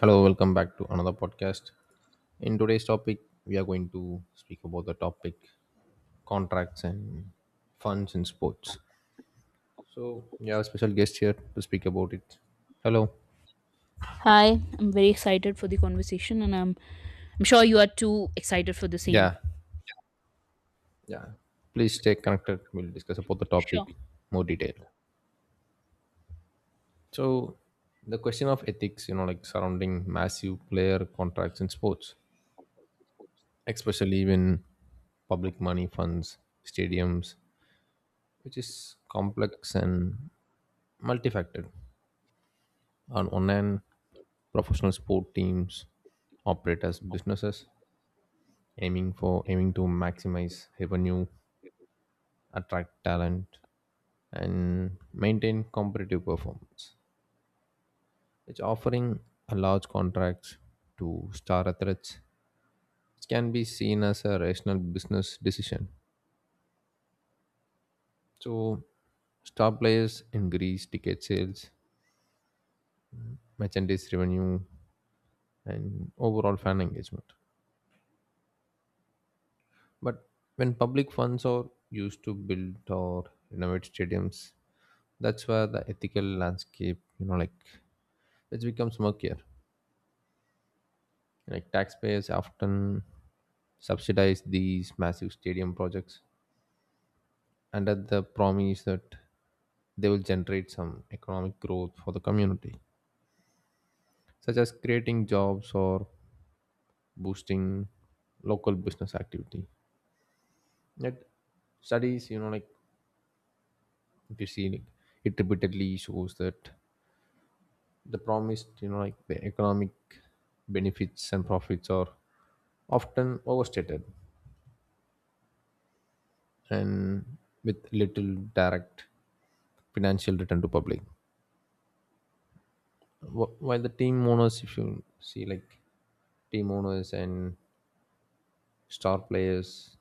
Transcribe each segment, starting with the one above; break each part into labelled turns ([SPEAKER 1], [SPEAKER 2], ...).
[SPEAKER 1] Hello, welcome back to another podcast. In today's topic, we are going to speak about the topic contracts and funds in sports. So, we have a special guest here to speak about it. Hello.
[SPEAKER 2] Hi, I'm very excited for the conversation, and I'm sure you are too excited for the same.
[SPEAKER 1] Yeah. Yeah. Please stay connected. We'll discuss about the topic
[SPEAKER 2] Sure.
[SPEAKER 1] more detail. So, the question of ethics, like surrounding massive player contracts in sports, especially when public money funds, stadiums, which is complex and multifaceted. On one professional sport teams operate as businesses aiming to maximize revenue, attract talent, and maintain competitive performance. It's offering a large contracts to star athletes. It can be seen as a rational business decision. So star players increase ticket sales, merchandise revenue, and overall fan engagement. But when public funds are used to build or renovate stadiums, that's where the ethical landscape, like it becomes murkier. Like taxpayers often subsidize these massive stadium projects under the promise that they will generate some economic growth for the community, such as creating jobs or boosting local business activity. Yet studies, like, if you see like, it repeatedly shows that the promised like the economic benefits and profits are often overstated and with little direct financial return to public. While the team owners, if you see like, team owners and star players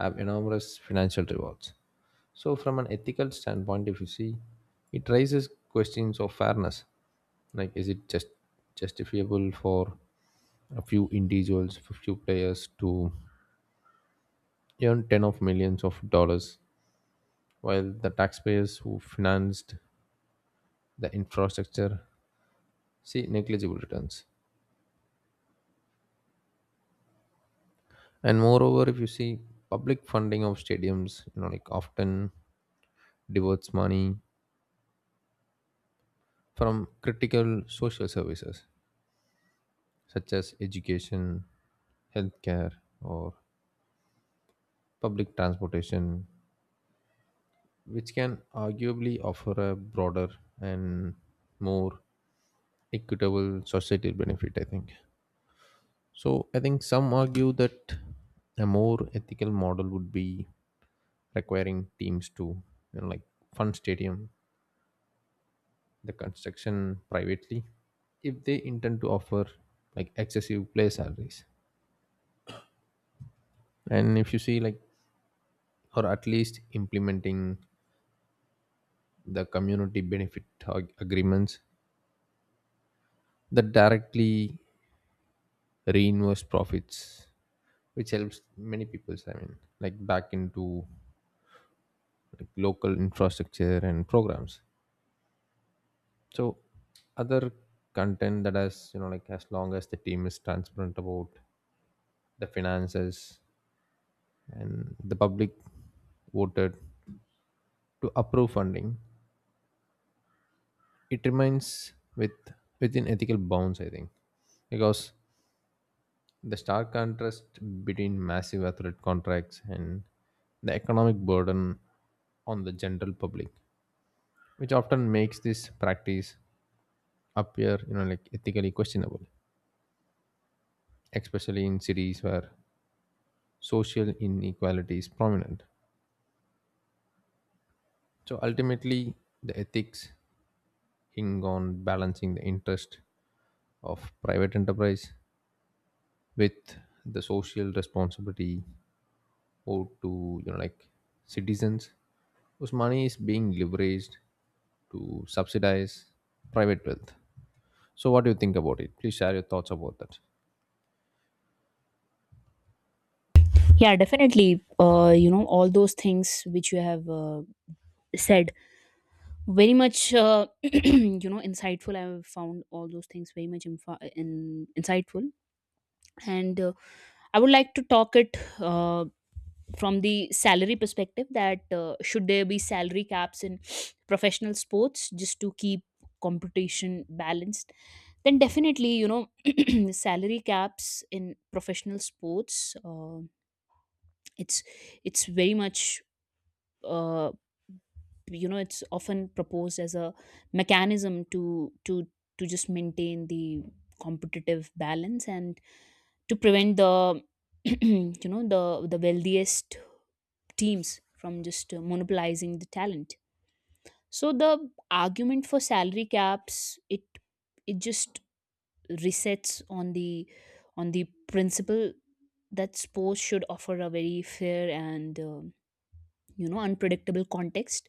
[SPEAKER 1] have enormous financial rewards. So, from an ethical standpoint, if you see, it raises questions of fairness. Like, is it justifiable for a few individuals, a few players to earn ten of millions of dollars, while the taxpayers who financed the infrastructure see negligible returns? And moreover, if you see public funding of stadiums, like often diverts money from critical social services such as education, healthcare, or public transportation, which can arguably offer a broader and more equitable societal benefit, I think. So, I think some argue that a more ethical model would be requiring teams to, like fund stadium, the construction privately, if they intend to offer like excessive play salaries and if you see like or at least implementing the community benefit agreements that directly reinvest profits, which helps many people, I mean like back into like local infrastructure and programs. So other content that has, like, as long as the team is transparent about the finances and the public voted to approve funding, it remains within ethical bounds, I think, because the stark contrast between massive athlete contracts and the economic burden on the general public, which often makes this practice appear, like, ethically questionable, especially in cities where social inequality is prominent. So ultimately, the ethics hinge on balancing the interest of private enterprise with the social responsibility, or to, like, citizens whose money is being leveraged to subsidize private wealth. So, what do you think about it? Please share your thoughts about that.
[SPEAKER 2] Yeah, definitely. All those things which you have said, very much, insightful. I have found all those things very much insightful. And I would like to talk it from the salary perspective that should there be salary caps in professional sports just to keep competition balanced? Then definitely, salary caps in professional sports, it's it's very much uh, it's often proposed as a mechanism to just maintain the competitive balance and to prevent the you know the the wealthiest teams from just monopolizing the talent. So the argument for salary caps, it it just resets on the principle that sports should offer a very fair and unpredictable context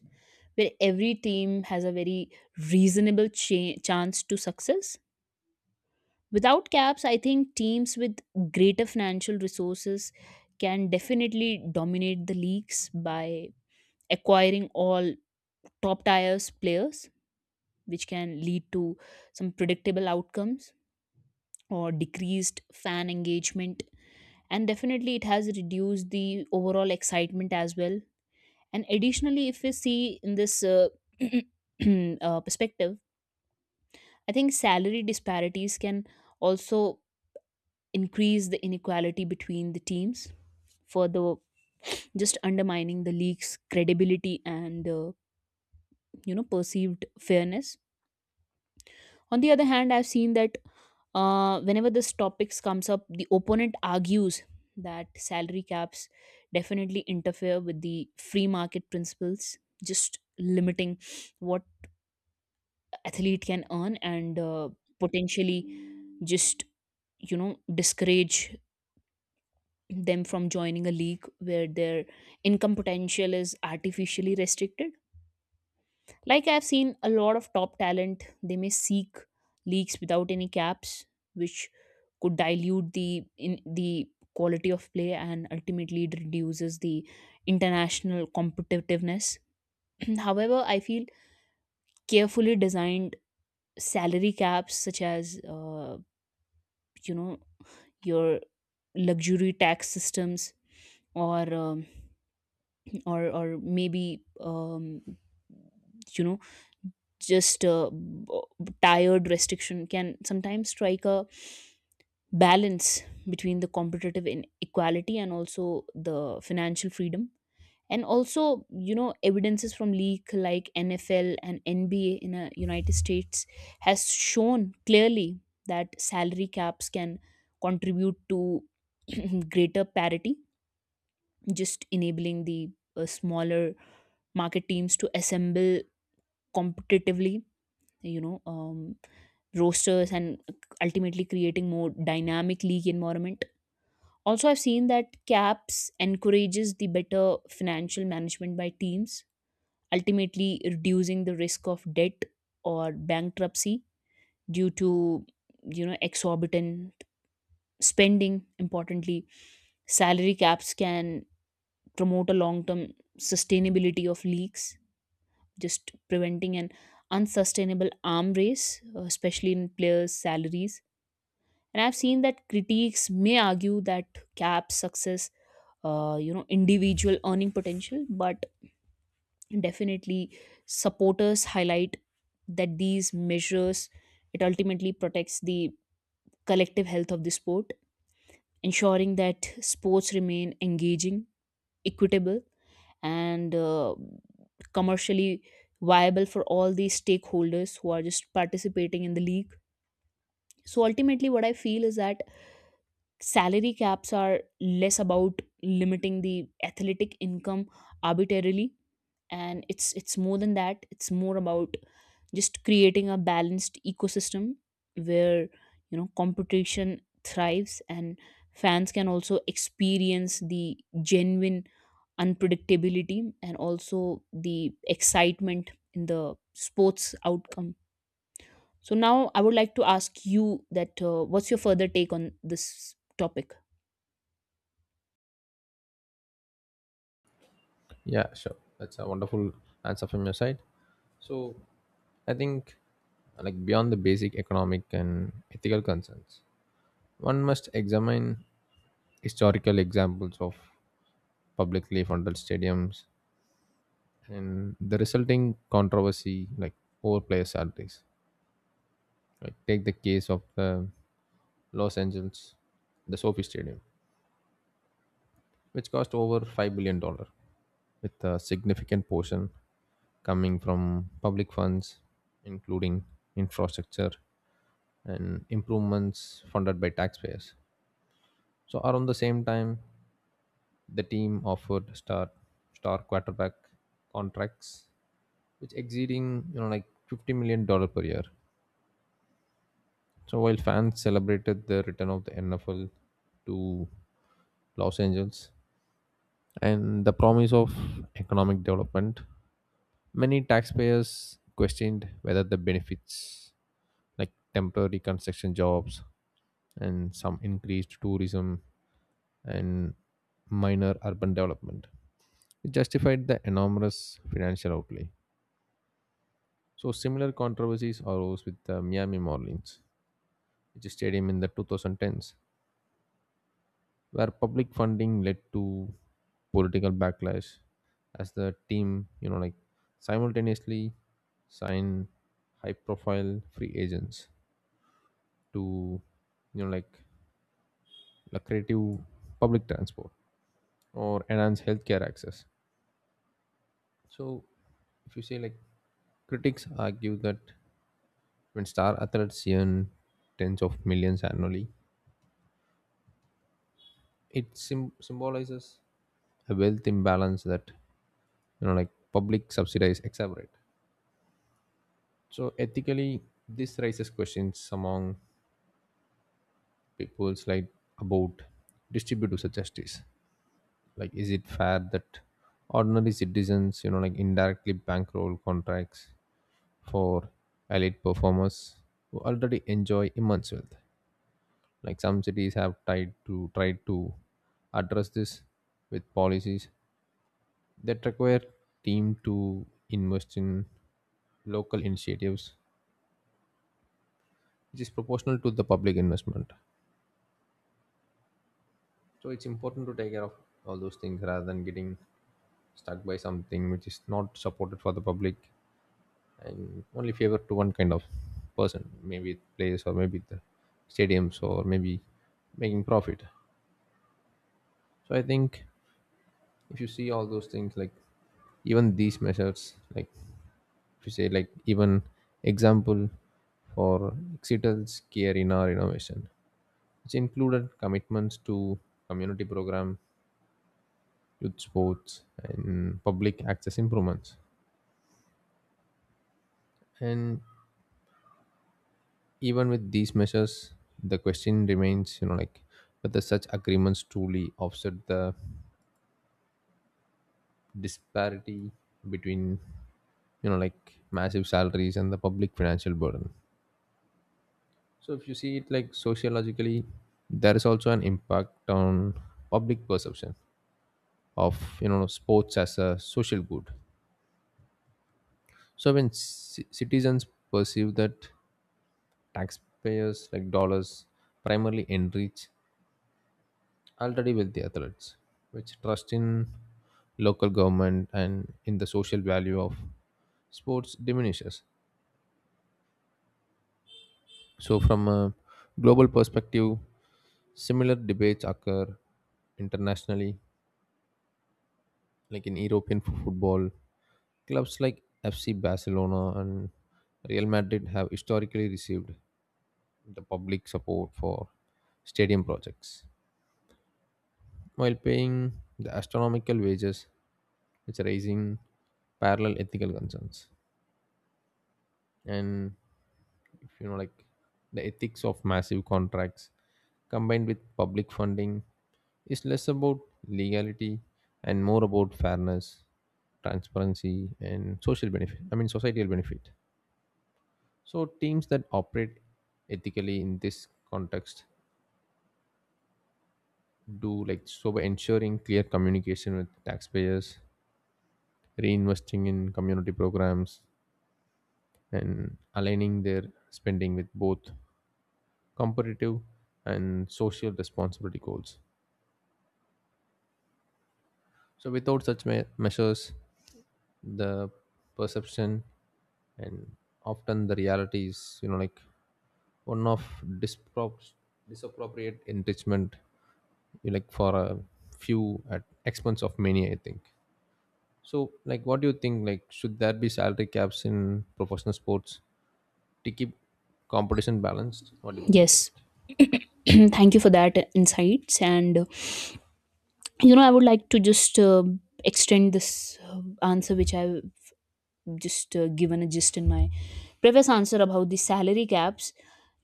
[SPEAKER 2] where every team has a very reasonable chance to success. Without caps, I think teams with greater financial resources can definitely dominate the leagues by acquiring all top tiers players, which can lead to some predictable outcomes or decreased fan engagement. And definitely, it has reduced the overall excitement as well. And additionally, if we see in this perspective, I think salary disparities can also increase the inequality between the teams, further just undermining the league's credibility and perceived fairness. On the other hand, I've seen that whenever this topics comes up, the opponent argues that salary caps definitely interfere with the free market principles, just limiting what athlete can earn and potentially just discourage them from joining a league where their income potential is artificially restricted. Like, I've seen a lot of top talent, they may seek leagues without any caps, which could dilute the in the quality of play, and ultimately it reduces the international competitiveness. However, I feel carefully designed salary caps, such as you know your luxury tax systems or or maybe you know just tired restriction can sometimes strike a balance between the competitive inequality and also the financial freedom. And also evidences from league like NFL and NBA in the United States has shown clearly that salary caps can contribute to greater parity, just enabling the smaller market teams to assemble competitively you know um, rosters and ultimately creating more dynamic league environment. Also, I've seen that caps encourages the better financial management by teams, ultimately reducing the risk of debt or bankruptcy due to exorbitant spending. Importantly, salary caps can promote a long term sustainability of leagues, just preventing an unsustainable arm race, especially in players' salaries. And I've seen that critics may argue that caps success, individual earning potential, but definitely supporters highlight that these measures, it ultimately protects the collective health of the sport, ensuring that sports remain engaging, equitable, and commercially viable for all the stakeholders who are just participating in the league. So ultimately, what I feel is that salary caps are less about limiting the athletic income arbitrarily, and it's more than that. It's more about just creating a balanced ecosystem where competition thrives and fans can also experience the genuine unpredictability and also the excitement in the sports outcome. So now I would like to ask you that, what's your further take on this topic?
[SPEAKER 1] Yeah, sure. That's a wonderful answer from your side. So, I think, like, beyond the basic economic and ethical concerns, one must examine historical examples of publicly funded stadiums and the resulting controversy like over player salaries. Like, take the case of the Los Angeles, the SoFi Stadium, which cost over $5 billion, with a significant portion coming from public funds, including infrastructure and improvements funded by taxpayers. So, around the same time, the team offered star quarterback contracts, which exceeding like $50 million dollar per year. So, while fans celebrated the return of the NFL to Los Angeles, and the promise of economic development, many taxpayers questioned whether the benefits, like temporary construction jobs and some increased tourism and minor urban development, justified the enormous financial outlay. So similar controversies arose with the Miami Marlins, which stadium in the 2010s, where public funding led to political backlash as the team, like, simultaneously signed high profile free agents to, like, lucrative public transport or enhance healthcare access. So, if you say like, critics argue that when star athletes earn tens of millions annually, it sim symbolizes a wealth imbalance that, like, public subsidies exacerbate. So ethically, this raises questions among people's like about distributive justice. Like, is it fair that ordinary citizens, like, indirectly bankroll contracts for elite performers who already enjoy immense wealth? Like some cities have tried to address this with policies that require team to invest in local initiatives, which is proportional to the public investment. So it's important to take care of all those things rather than getting stuck by something which is not supported for the public and only favor to one kind of person, maybe place or maybe the stadiums or maybe making profit. So I think if you see all those things, like even these measures, like if you say like, even example for Exeter's care in our innovation, which included commitments to community program, youth sports, and public access improvements. And even with these measures, the question remains, like, whether such agreements truly offset the disparity between, like, massive salaries and the public financial burden. So if you see it like sociologically, there is also an impact on public perception of sports as a social good. So when citizens perceive that taxpayers like dollars primarily enrich already wealthy athletes, which trust in local government and in the social value of sports diminishes. So from a global perspective, similar debates occur internationally, like in European football clubs like FC Barcelona and Real Madrid have historically received the public support for stadium projects, while paying the astronomical wages, which are raising parallel ethical concerns. And if you know, like, the ethics of massive contracts combined with public funding is less about legality and more about fairness, transparency, and social benefit, I mean societal benefit. So teams that operate ethically in this context do like so by ensuring clear communication with taxpayers, reinvesting in community programs, and aligning their spending with both competitive and social responsibility goals. So, without such measures, the perception and often the reality is, like, one of disprop- disappropriate enrichment, you like for a few at expense of many. I think. So, like, what do you think? Like, should there be salary caps in professional sports to keep competition balanced? What do you think about
[SPEAKER 2] Yes.
[SPEAKER 1] it?
[SPEAKER 2] Thank you for that insights. And I would like to just extend this uh, answer which I've just given a gist in my previous answer about the salary caps.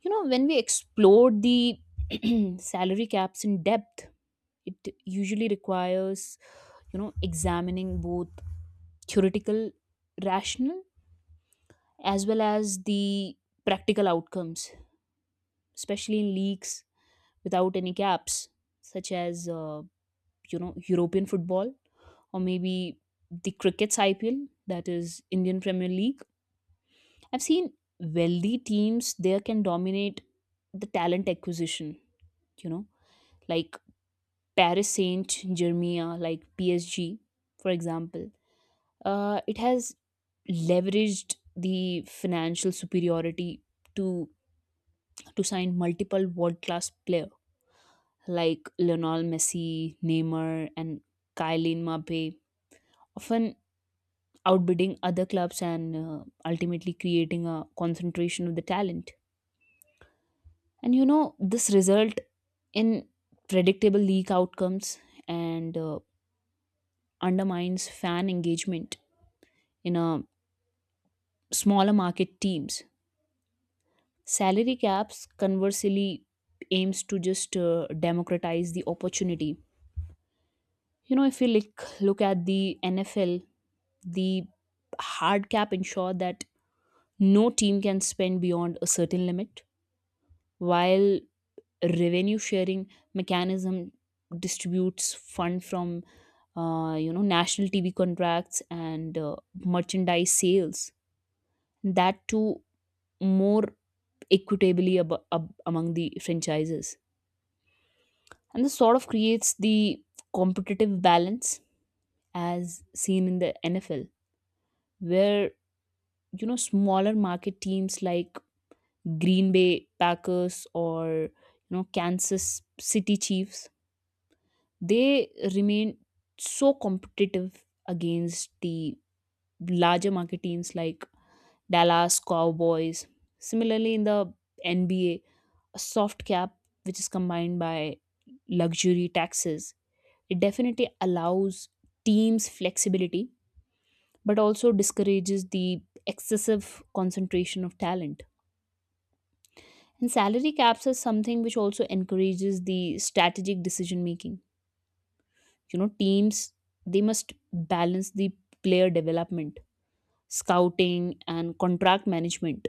[SPEAKER 2] When we explored the salary caps in depth, it usually requires examining both theoretical rational as well as the practical outcomes, especially in leagues without any caps, such as European football or maybe the cricket's IPL, that is Indian Premier League. I've seen wealthy teams there can dominate the talent acquisition, you know, like Paris Saint Germain, like PSG, for example. It has leveraged the financial superiority to to sign multiple world class player like Lionel Messi, Neymar, and Kylian Mbappe. Often outbidding other clubs and ultimately creating a concentration of the talent. And this result in predictable league outcomes and undermines fan engagement in a smaller market teams. Salary caps, conversely, aims to just democratize the opportunity. If you look at the NFL, the hard cap ensure that no team can spend beyond a certain limit, while revenue sharing mechanism distributes fund from national TV contracts and merchandise sales, that too more equitably among the franchises. And this sort of creates the competitive balance as seen in the NFL where smaller market teams like Green Bay Packers or Kansas City Chiefs, they remain so competitive against the larger market teams like Dallas Cowboys. Similarly, in the NBA, soft cap, which is combined by luxury taxes, it definitely allows teams flexibility but also discourages the excessive concentration of talent. And salary caps is something which also encourages the strategic decision making, teams, they must balance the player development, scouting, and contract management.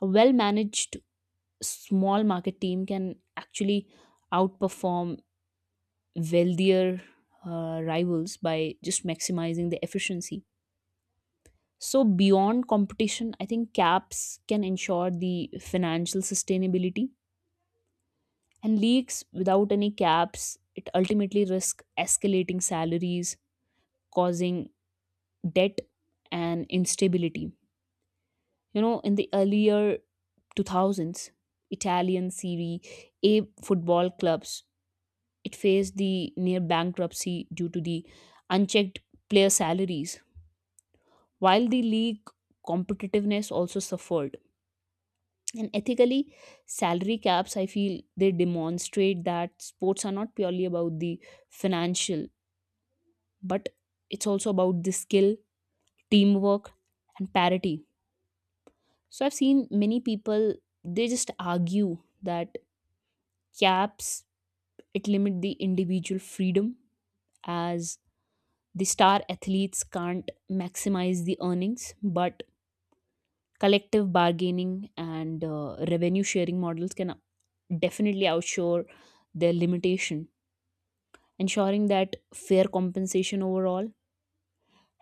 [SPEAKER 2] A well managed small market team can actually outperform wealthier rivals by just maximizing the efficiency. So beyond competition, I think caps can ensure the financial sustainability, and leagues without any caps, it ultimately risk escalating salaries, causing debt and instability. In the earlier 2000s, Italian Serie A football clubs, it faced the near bankruptcy due to the unchecked player salaries, while the league competitiveness also suffered. And ethically, salary caps, I feel they demonstrate that sports are not purely about the financial, but it's also about the skill, teamwork, and parity. So I've seen many people, they just argue that caps, it limit the individual freedom as the star athletes can't maximize the earnings, but collective bargaining and revenue sharing models can definitely outshore their limitation, ensuring that fair compensation overall.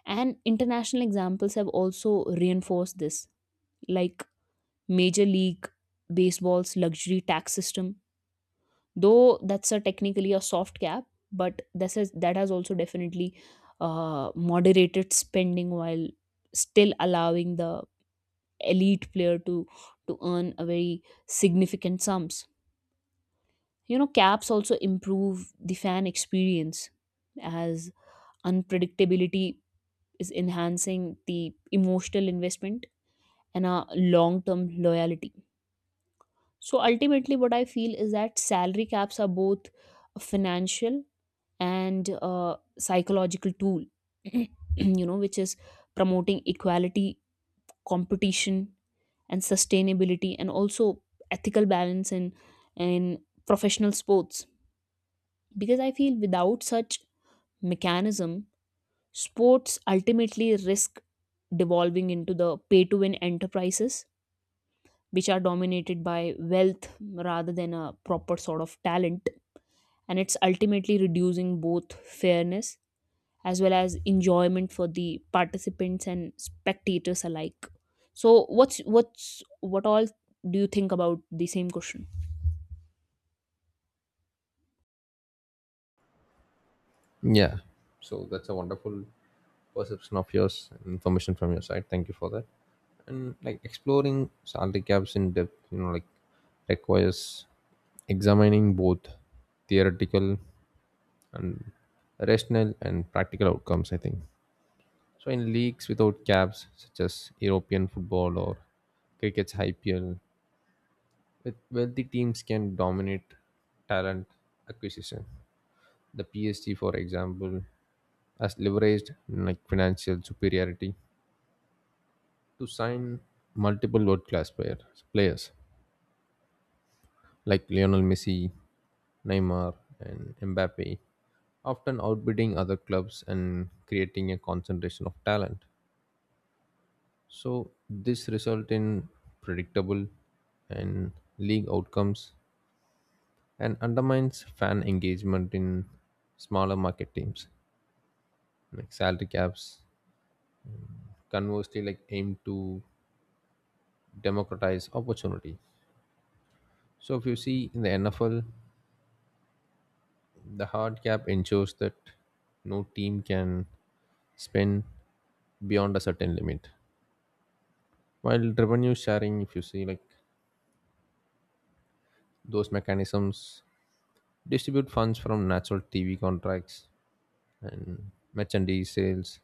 [SPEAKER 2] And international examples have also reinforced this, like Major League Baseball's luxury tax system, though that's a technically a soft cap, but this is that has also definitely moderated spending while still allowing the elite player to earn a very significant sums. Caps also improve the fan experience as unpredictability is enhancing the emotional investment and a long term loyalty. So ultimately, what I feel is that salary caps are both a financial and a psychological tool, which is promoting equality, competition, and sustainability, and also ethical balance in professional sports. Because I feel without such mechanism, sports ultimately risk devolving into the pay to win enterprises which are dominated by wealth rather than a proper sort of talent. And it's ultimately reducing both fairness as well as enjoyment for the participants and spectators alike. So, what all do you think about the same question?
[SPEAKER 1] Yeah. So that's a wonderful perception of yours, and information from your side. Thank you for that. And like exploring salary caps in depth, like, requires examining both theoretical and rational and practical outcomes, I think. So in leagues without caps, such as European football or cricket's IPL, with wealthy teams can dominate talent acquisition. The PSG, for example, has leveraged like financial superiority to sign multiple world-class players like Lionel Messi, Neymar, and Mbappe, often outbidding other clubs and creating a concentration of talent. So this result in predictable and league outcomes and undermines fan engagement in smaller market teams. Like salary caps, conversely, like aim to democratize opportunity. So if you see in the NFL, the hard cap ensures that no team can spend beyond a certain limit. While revenue sharing, if you see like, those mechanisms distribute funds from natural TV contracts and merchandise sales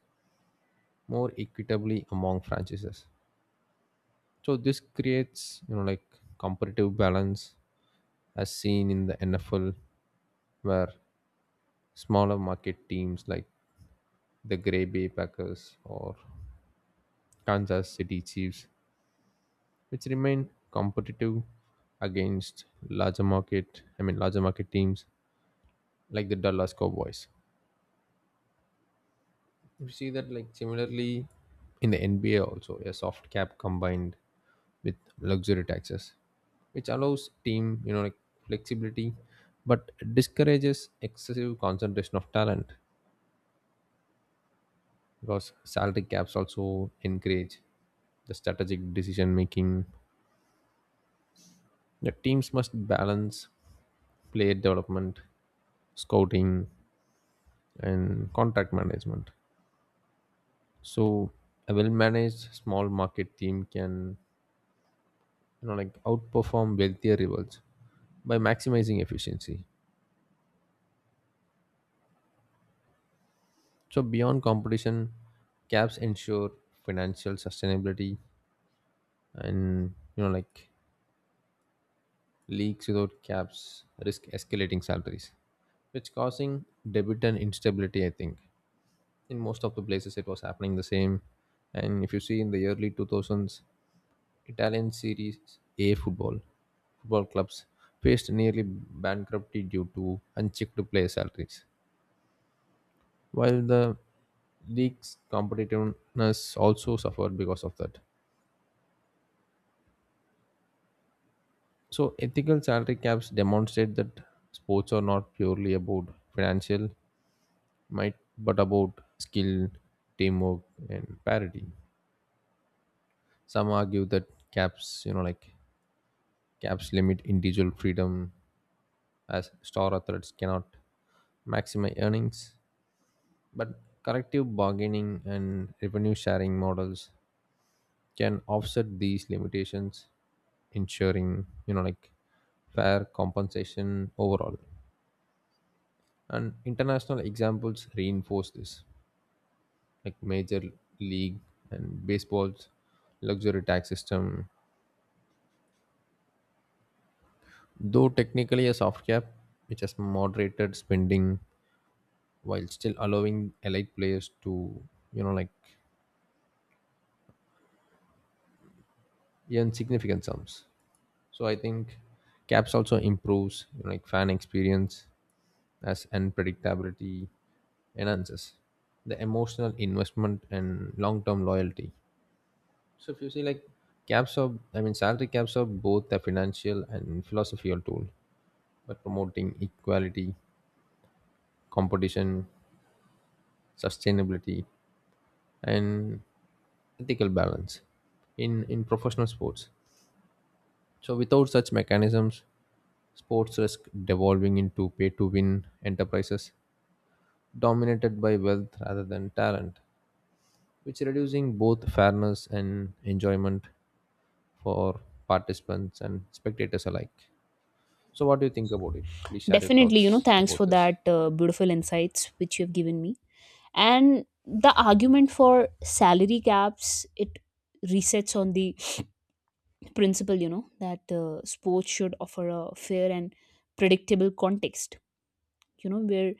[SPEAKER 1] more equitably among franchises. So this creates, like, competitive balance as seen in the NFL where smaller market teams like the Grey Bay Packers or Kansas City Chiefs, which remain competitive against larger market, I mean larger market teams like the Dallas Cowboys. You see that like similarly in the NBA also a soft cap combined with luxury taxes, which allows team like flexibility, but discourages excessive concentration of talent because salary caps also encourage the strategic decision making. The teams must balance player development, scouting, and contract management. So a well-managed small market team can, like, outperform wealthier rivals by maximizing efficiency. So beyond competition, caps ensure financial sustainability, and like leagues without caps risk escalating salaries, which causing debit and instability, I think. In most of the places it was happening the same. And if you see in the early 2000s, Italian Serie A football clubs faced nearly bankruptcy due to unchecked player salaries, while the league's competitiveness also suffered because of that. So, ethical salary caps demonstrate that sports are not purely about financial might, but about skill, teamwork, and parity. Some argue that caps, you know, like caps limit individual freedom as star athletes cannot maximize earnings. But collective bargaining and revenue sharing models can offset these limitations, ensuring, like, fair compensation overall. And international examples reinforce this, like major league and baseball's luxury tax system, though technically a soft cap, which has moderated spending while still allowing elite players to, like, earn significant sums. So I think caps also improves, like, fan experience as unpredictability enhances the emotional investment and long-term loyalty. So if you see like, caps are, I mean salary caps are both a financial and philosophical tool, but promoting equality, competition, sustainability, and ethical balance in professional sports. So, without such mechanisms, sports risk devolving into pay to win enterprises dominated by wealth rather than talent, which reducing both fairness and enjoyment for participants and spectators alike. So, what do you think about it? Please share your
[SPEAKER 2] Definitely,
[SPEAKER 1] thoughts
[SPEAKER 2] thanks
[SPEAKER 1] about
[SPEAKER 2] for
[SPEAKER 1] this.
[SPEAKER 2] that beautiful insights which you have given me. And the argument for salary caps, it resets on the principle, that sports should offer a fair and predictable context, where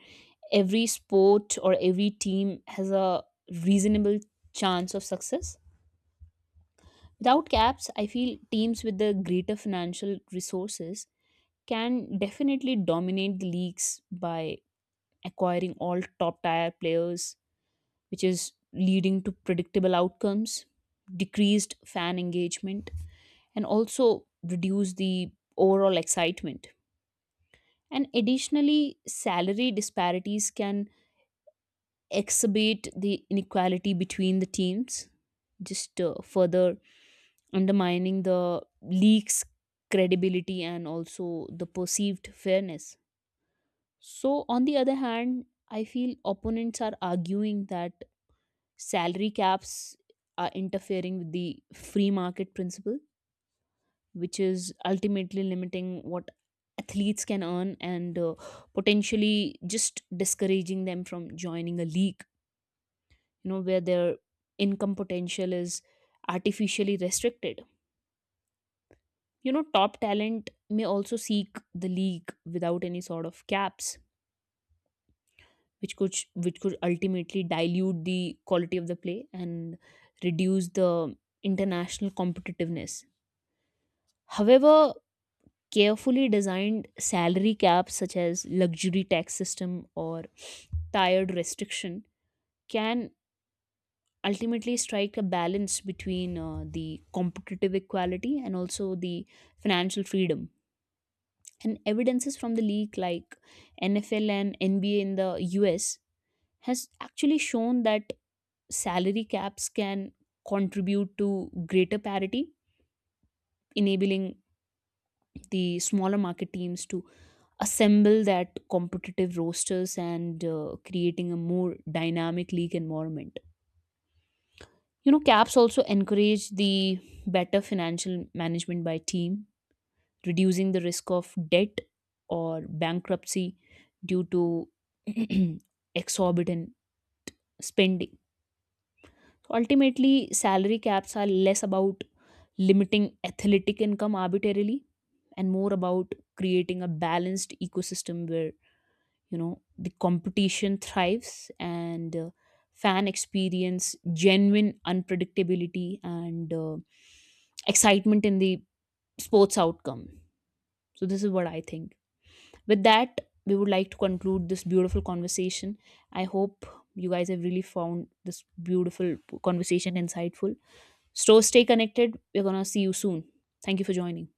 [SPEAKER 2] every sport or every team has a reasonable chance of success. Without caps, I feel teams with the greater financial resources can definitely dominate the leagues by acquiring all top tier players, which is leading to predictable outcomes, decreased fan engagement, and also reduce the overall excitement. And additionally, salary disparities can exacerbate the inequality between the teams, just further undermining the league's credibility and also the perceived fairness. So, on the other hand, I feel opponents are arguing that salary caps are interfering with the free market principle, which is ultimately limiting what athletes can earn and potentially just discouraging them from joining a league where their income potential is artificially restricted. Top talent may also seek the league without any sort of caps, which could ultimately dilute the quality of the play and reduce the international competitiveness. However, carefully designed salary caps such as luxury tax system or tiered restriction can ultimately strike a balance between the competitive equality and also the financial freedom. And evidences from the league like NFL and NBA in the US has actually shown that salary caps can contribute to greater parity, enabling the smaller market teams to assemble that competitive rosters and creating a more dynamic league environment. Caps also encourage the better financial management by team, reducing the risk of debt or bankruptcy due to exorbitant spending. Ultimately, salary caps are less about limiting athletic income arbitrarily and more about creating a balanced ecosystem where the competition thrives and fan experience genuine unpredictability and excitement in the sports outcome. So this is what I think. With that, we would like to conclude this beautiful conversation. I hope you guys have really found this beautiful conversation insightful. So stay connected, we're gonna see you soon. Thank you for joining.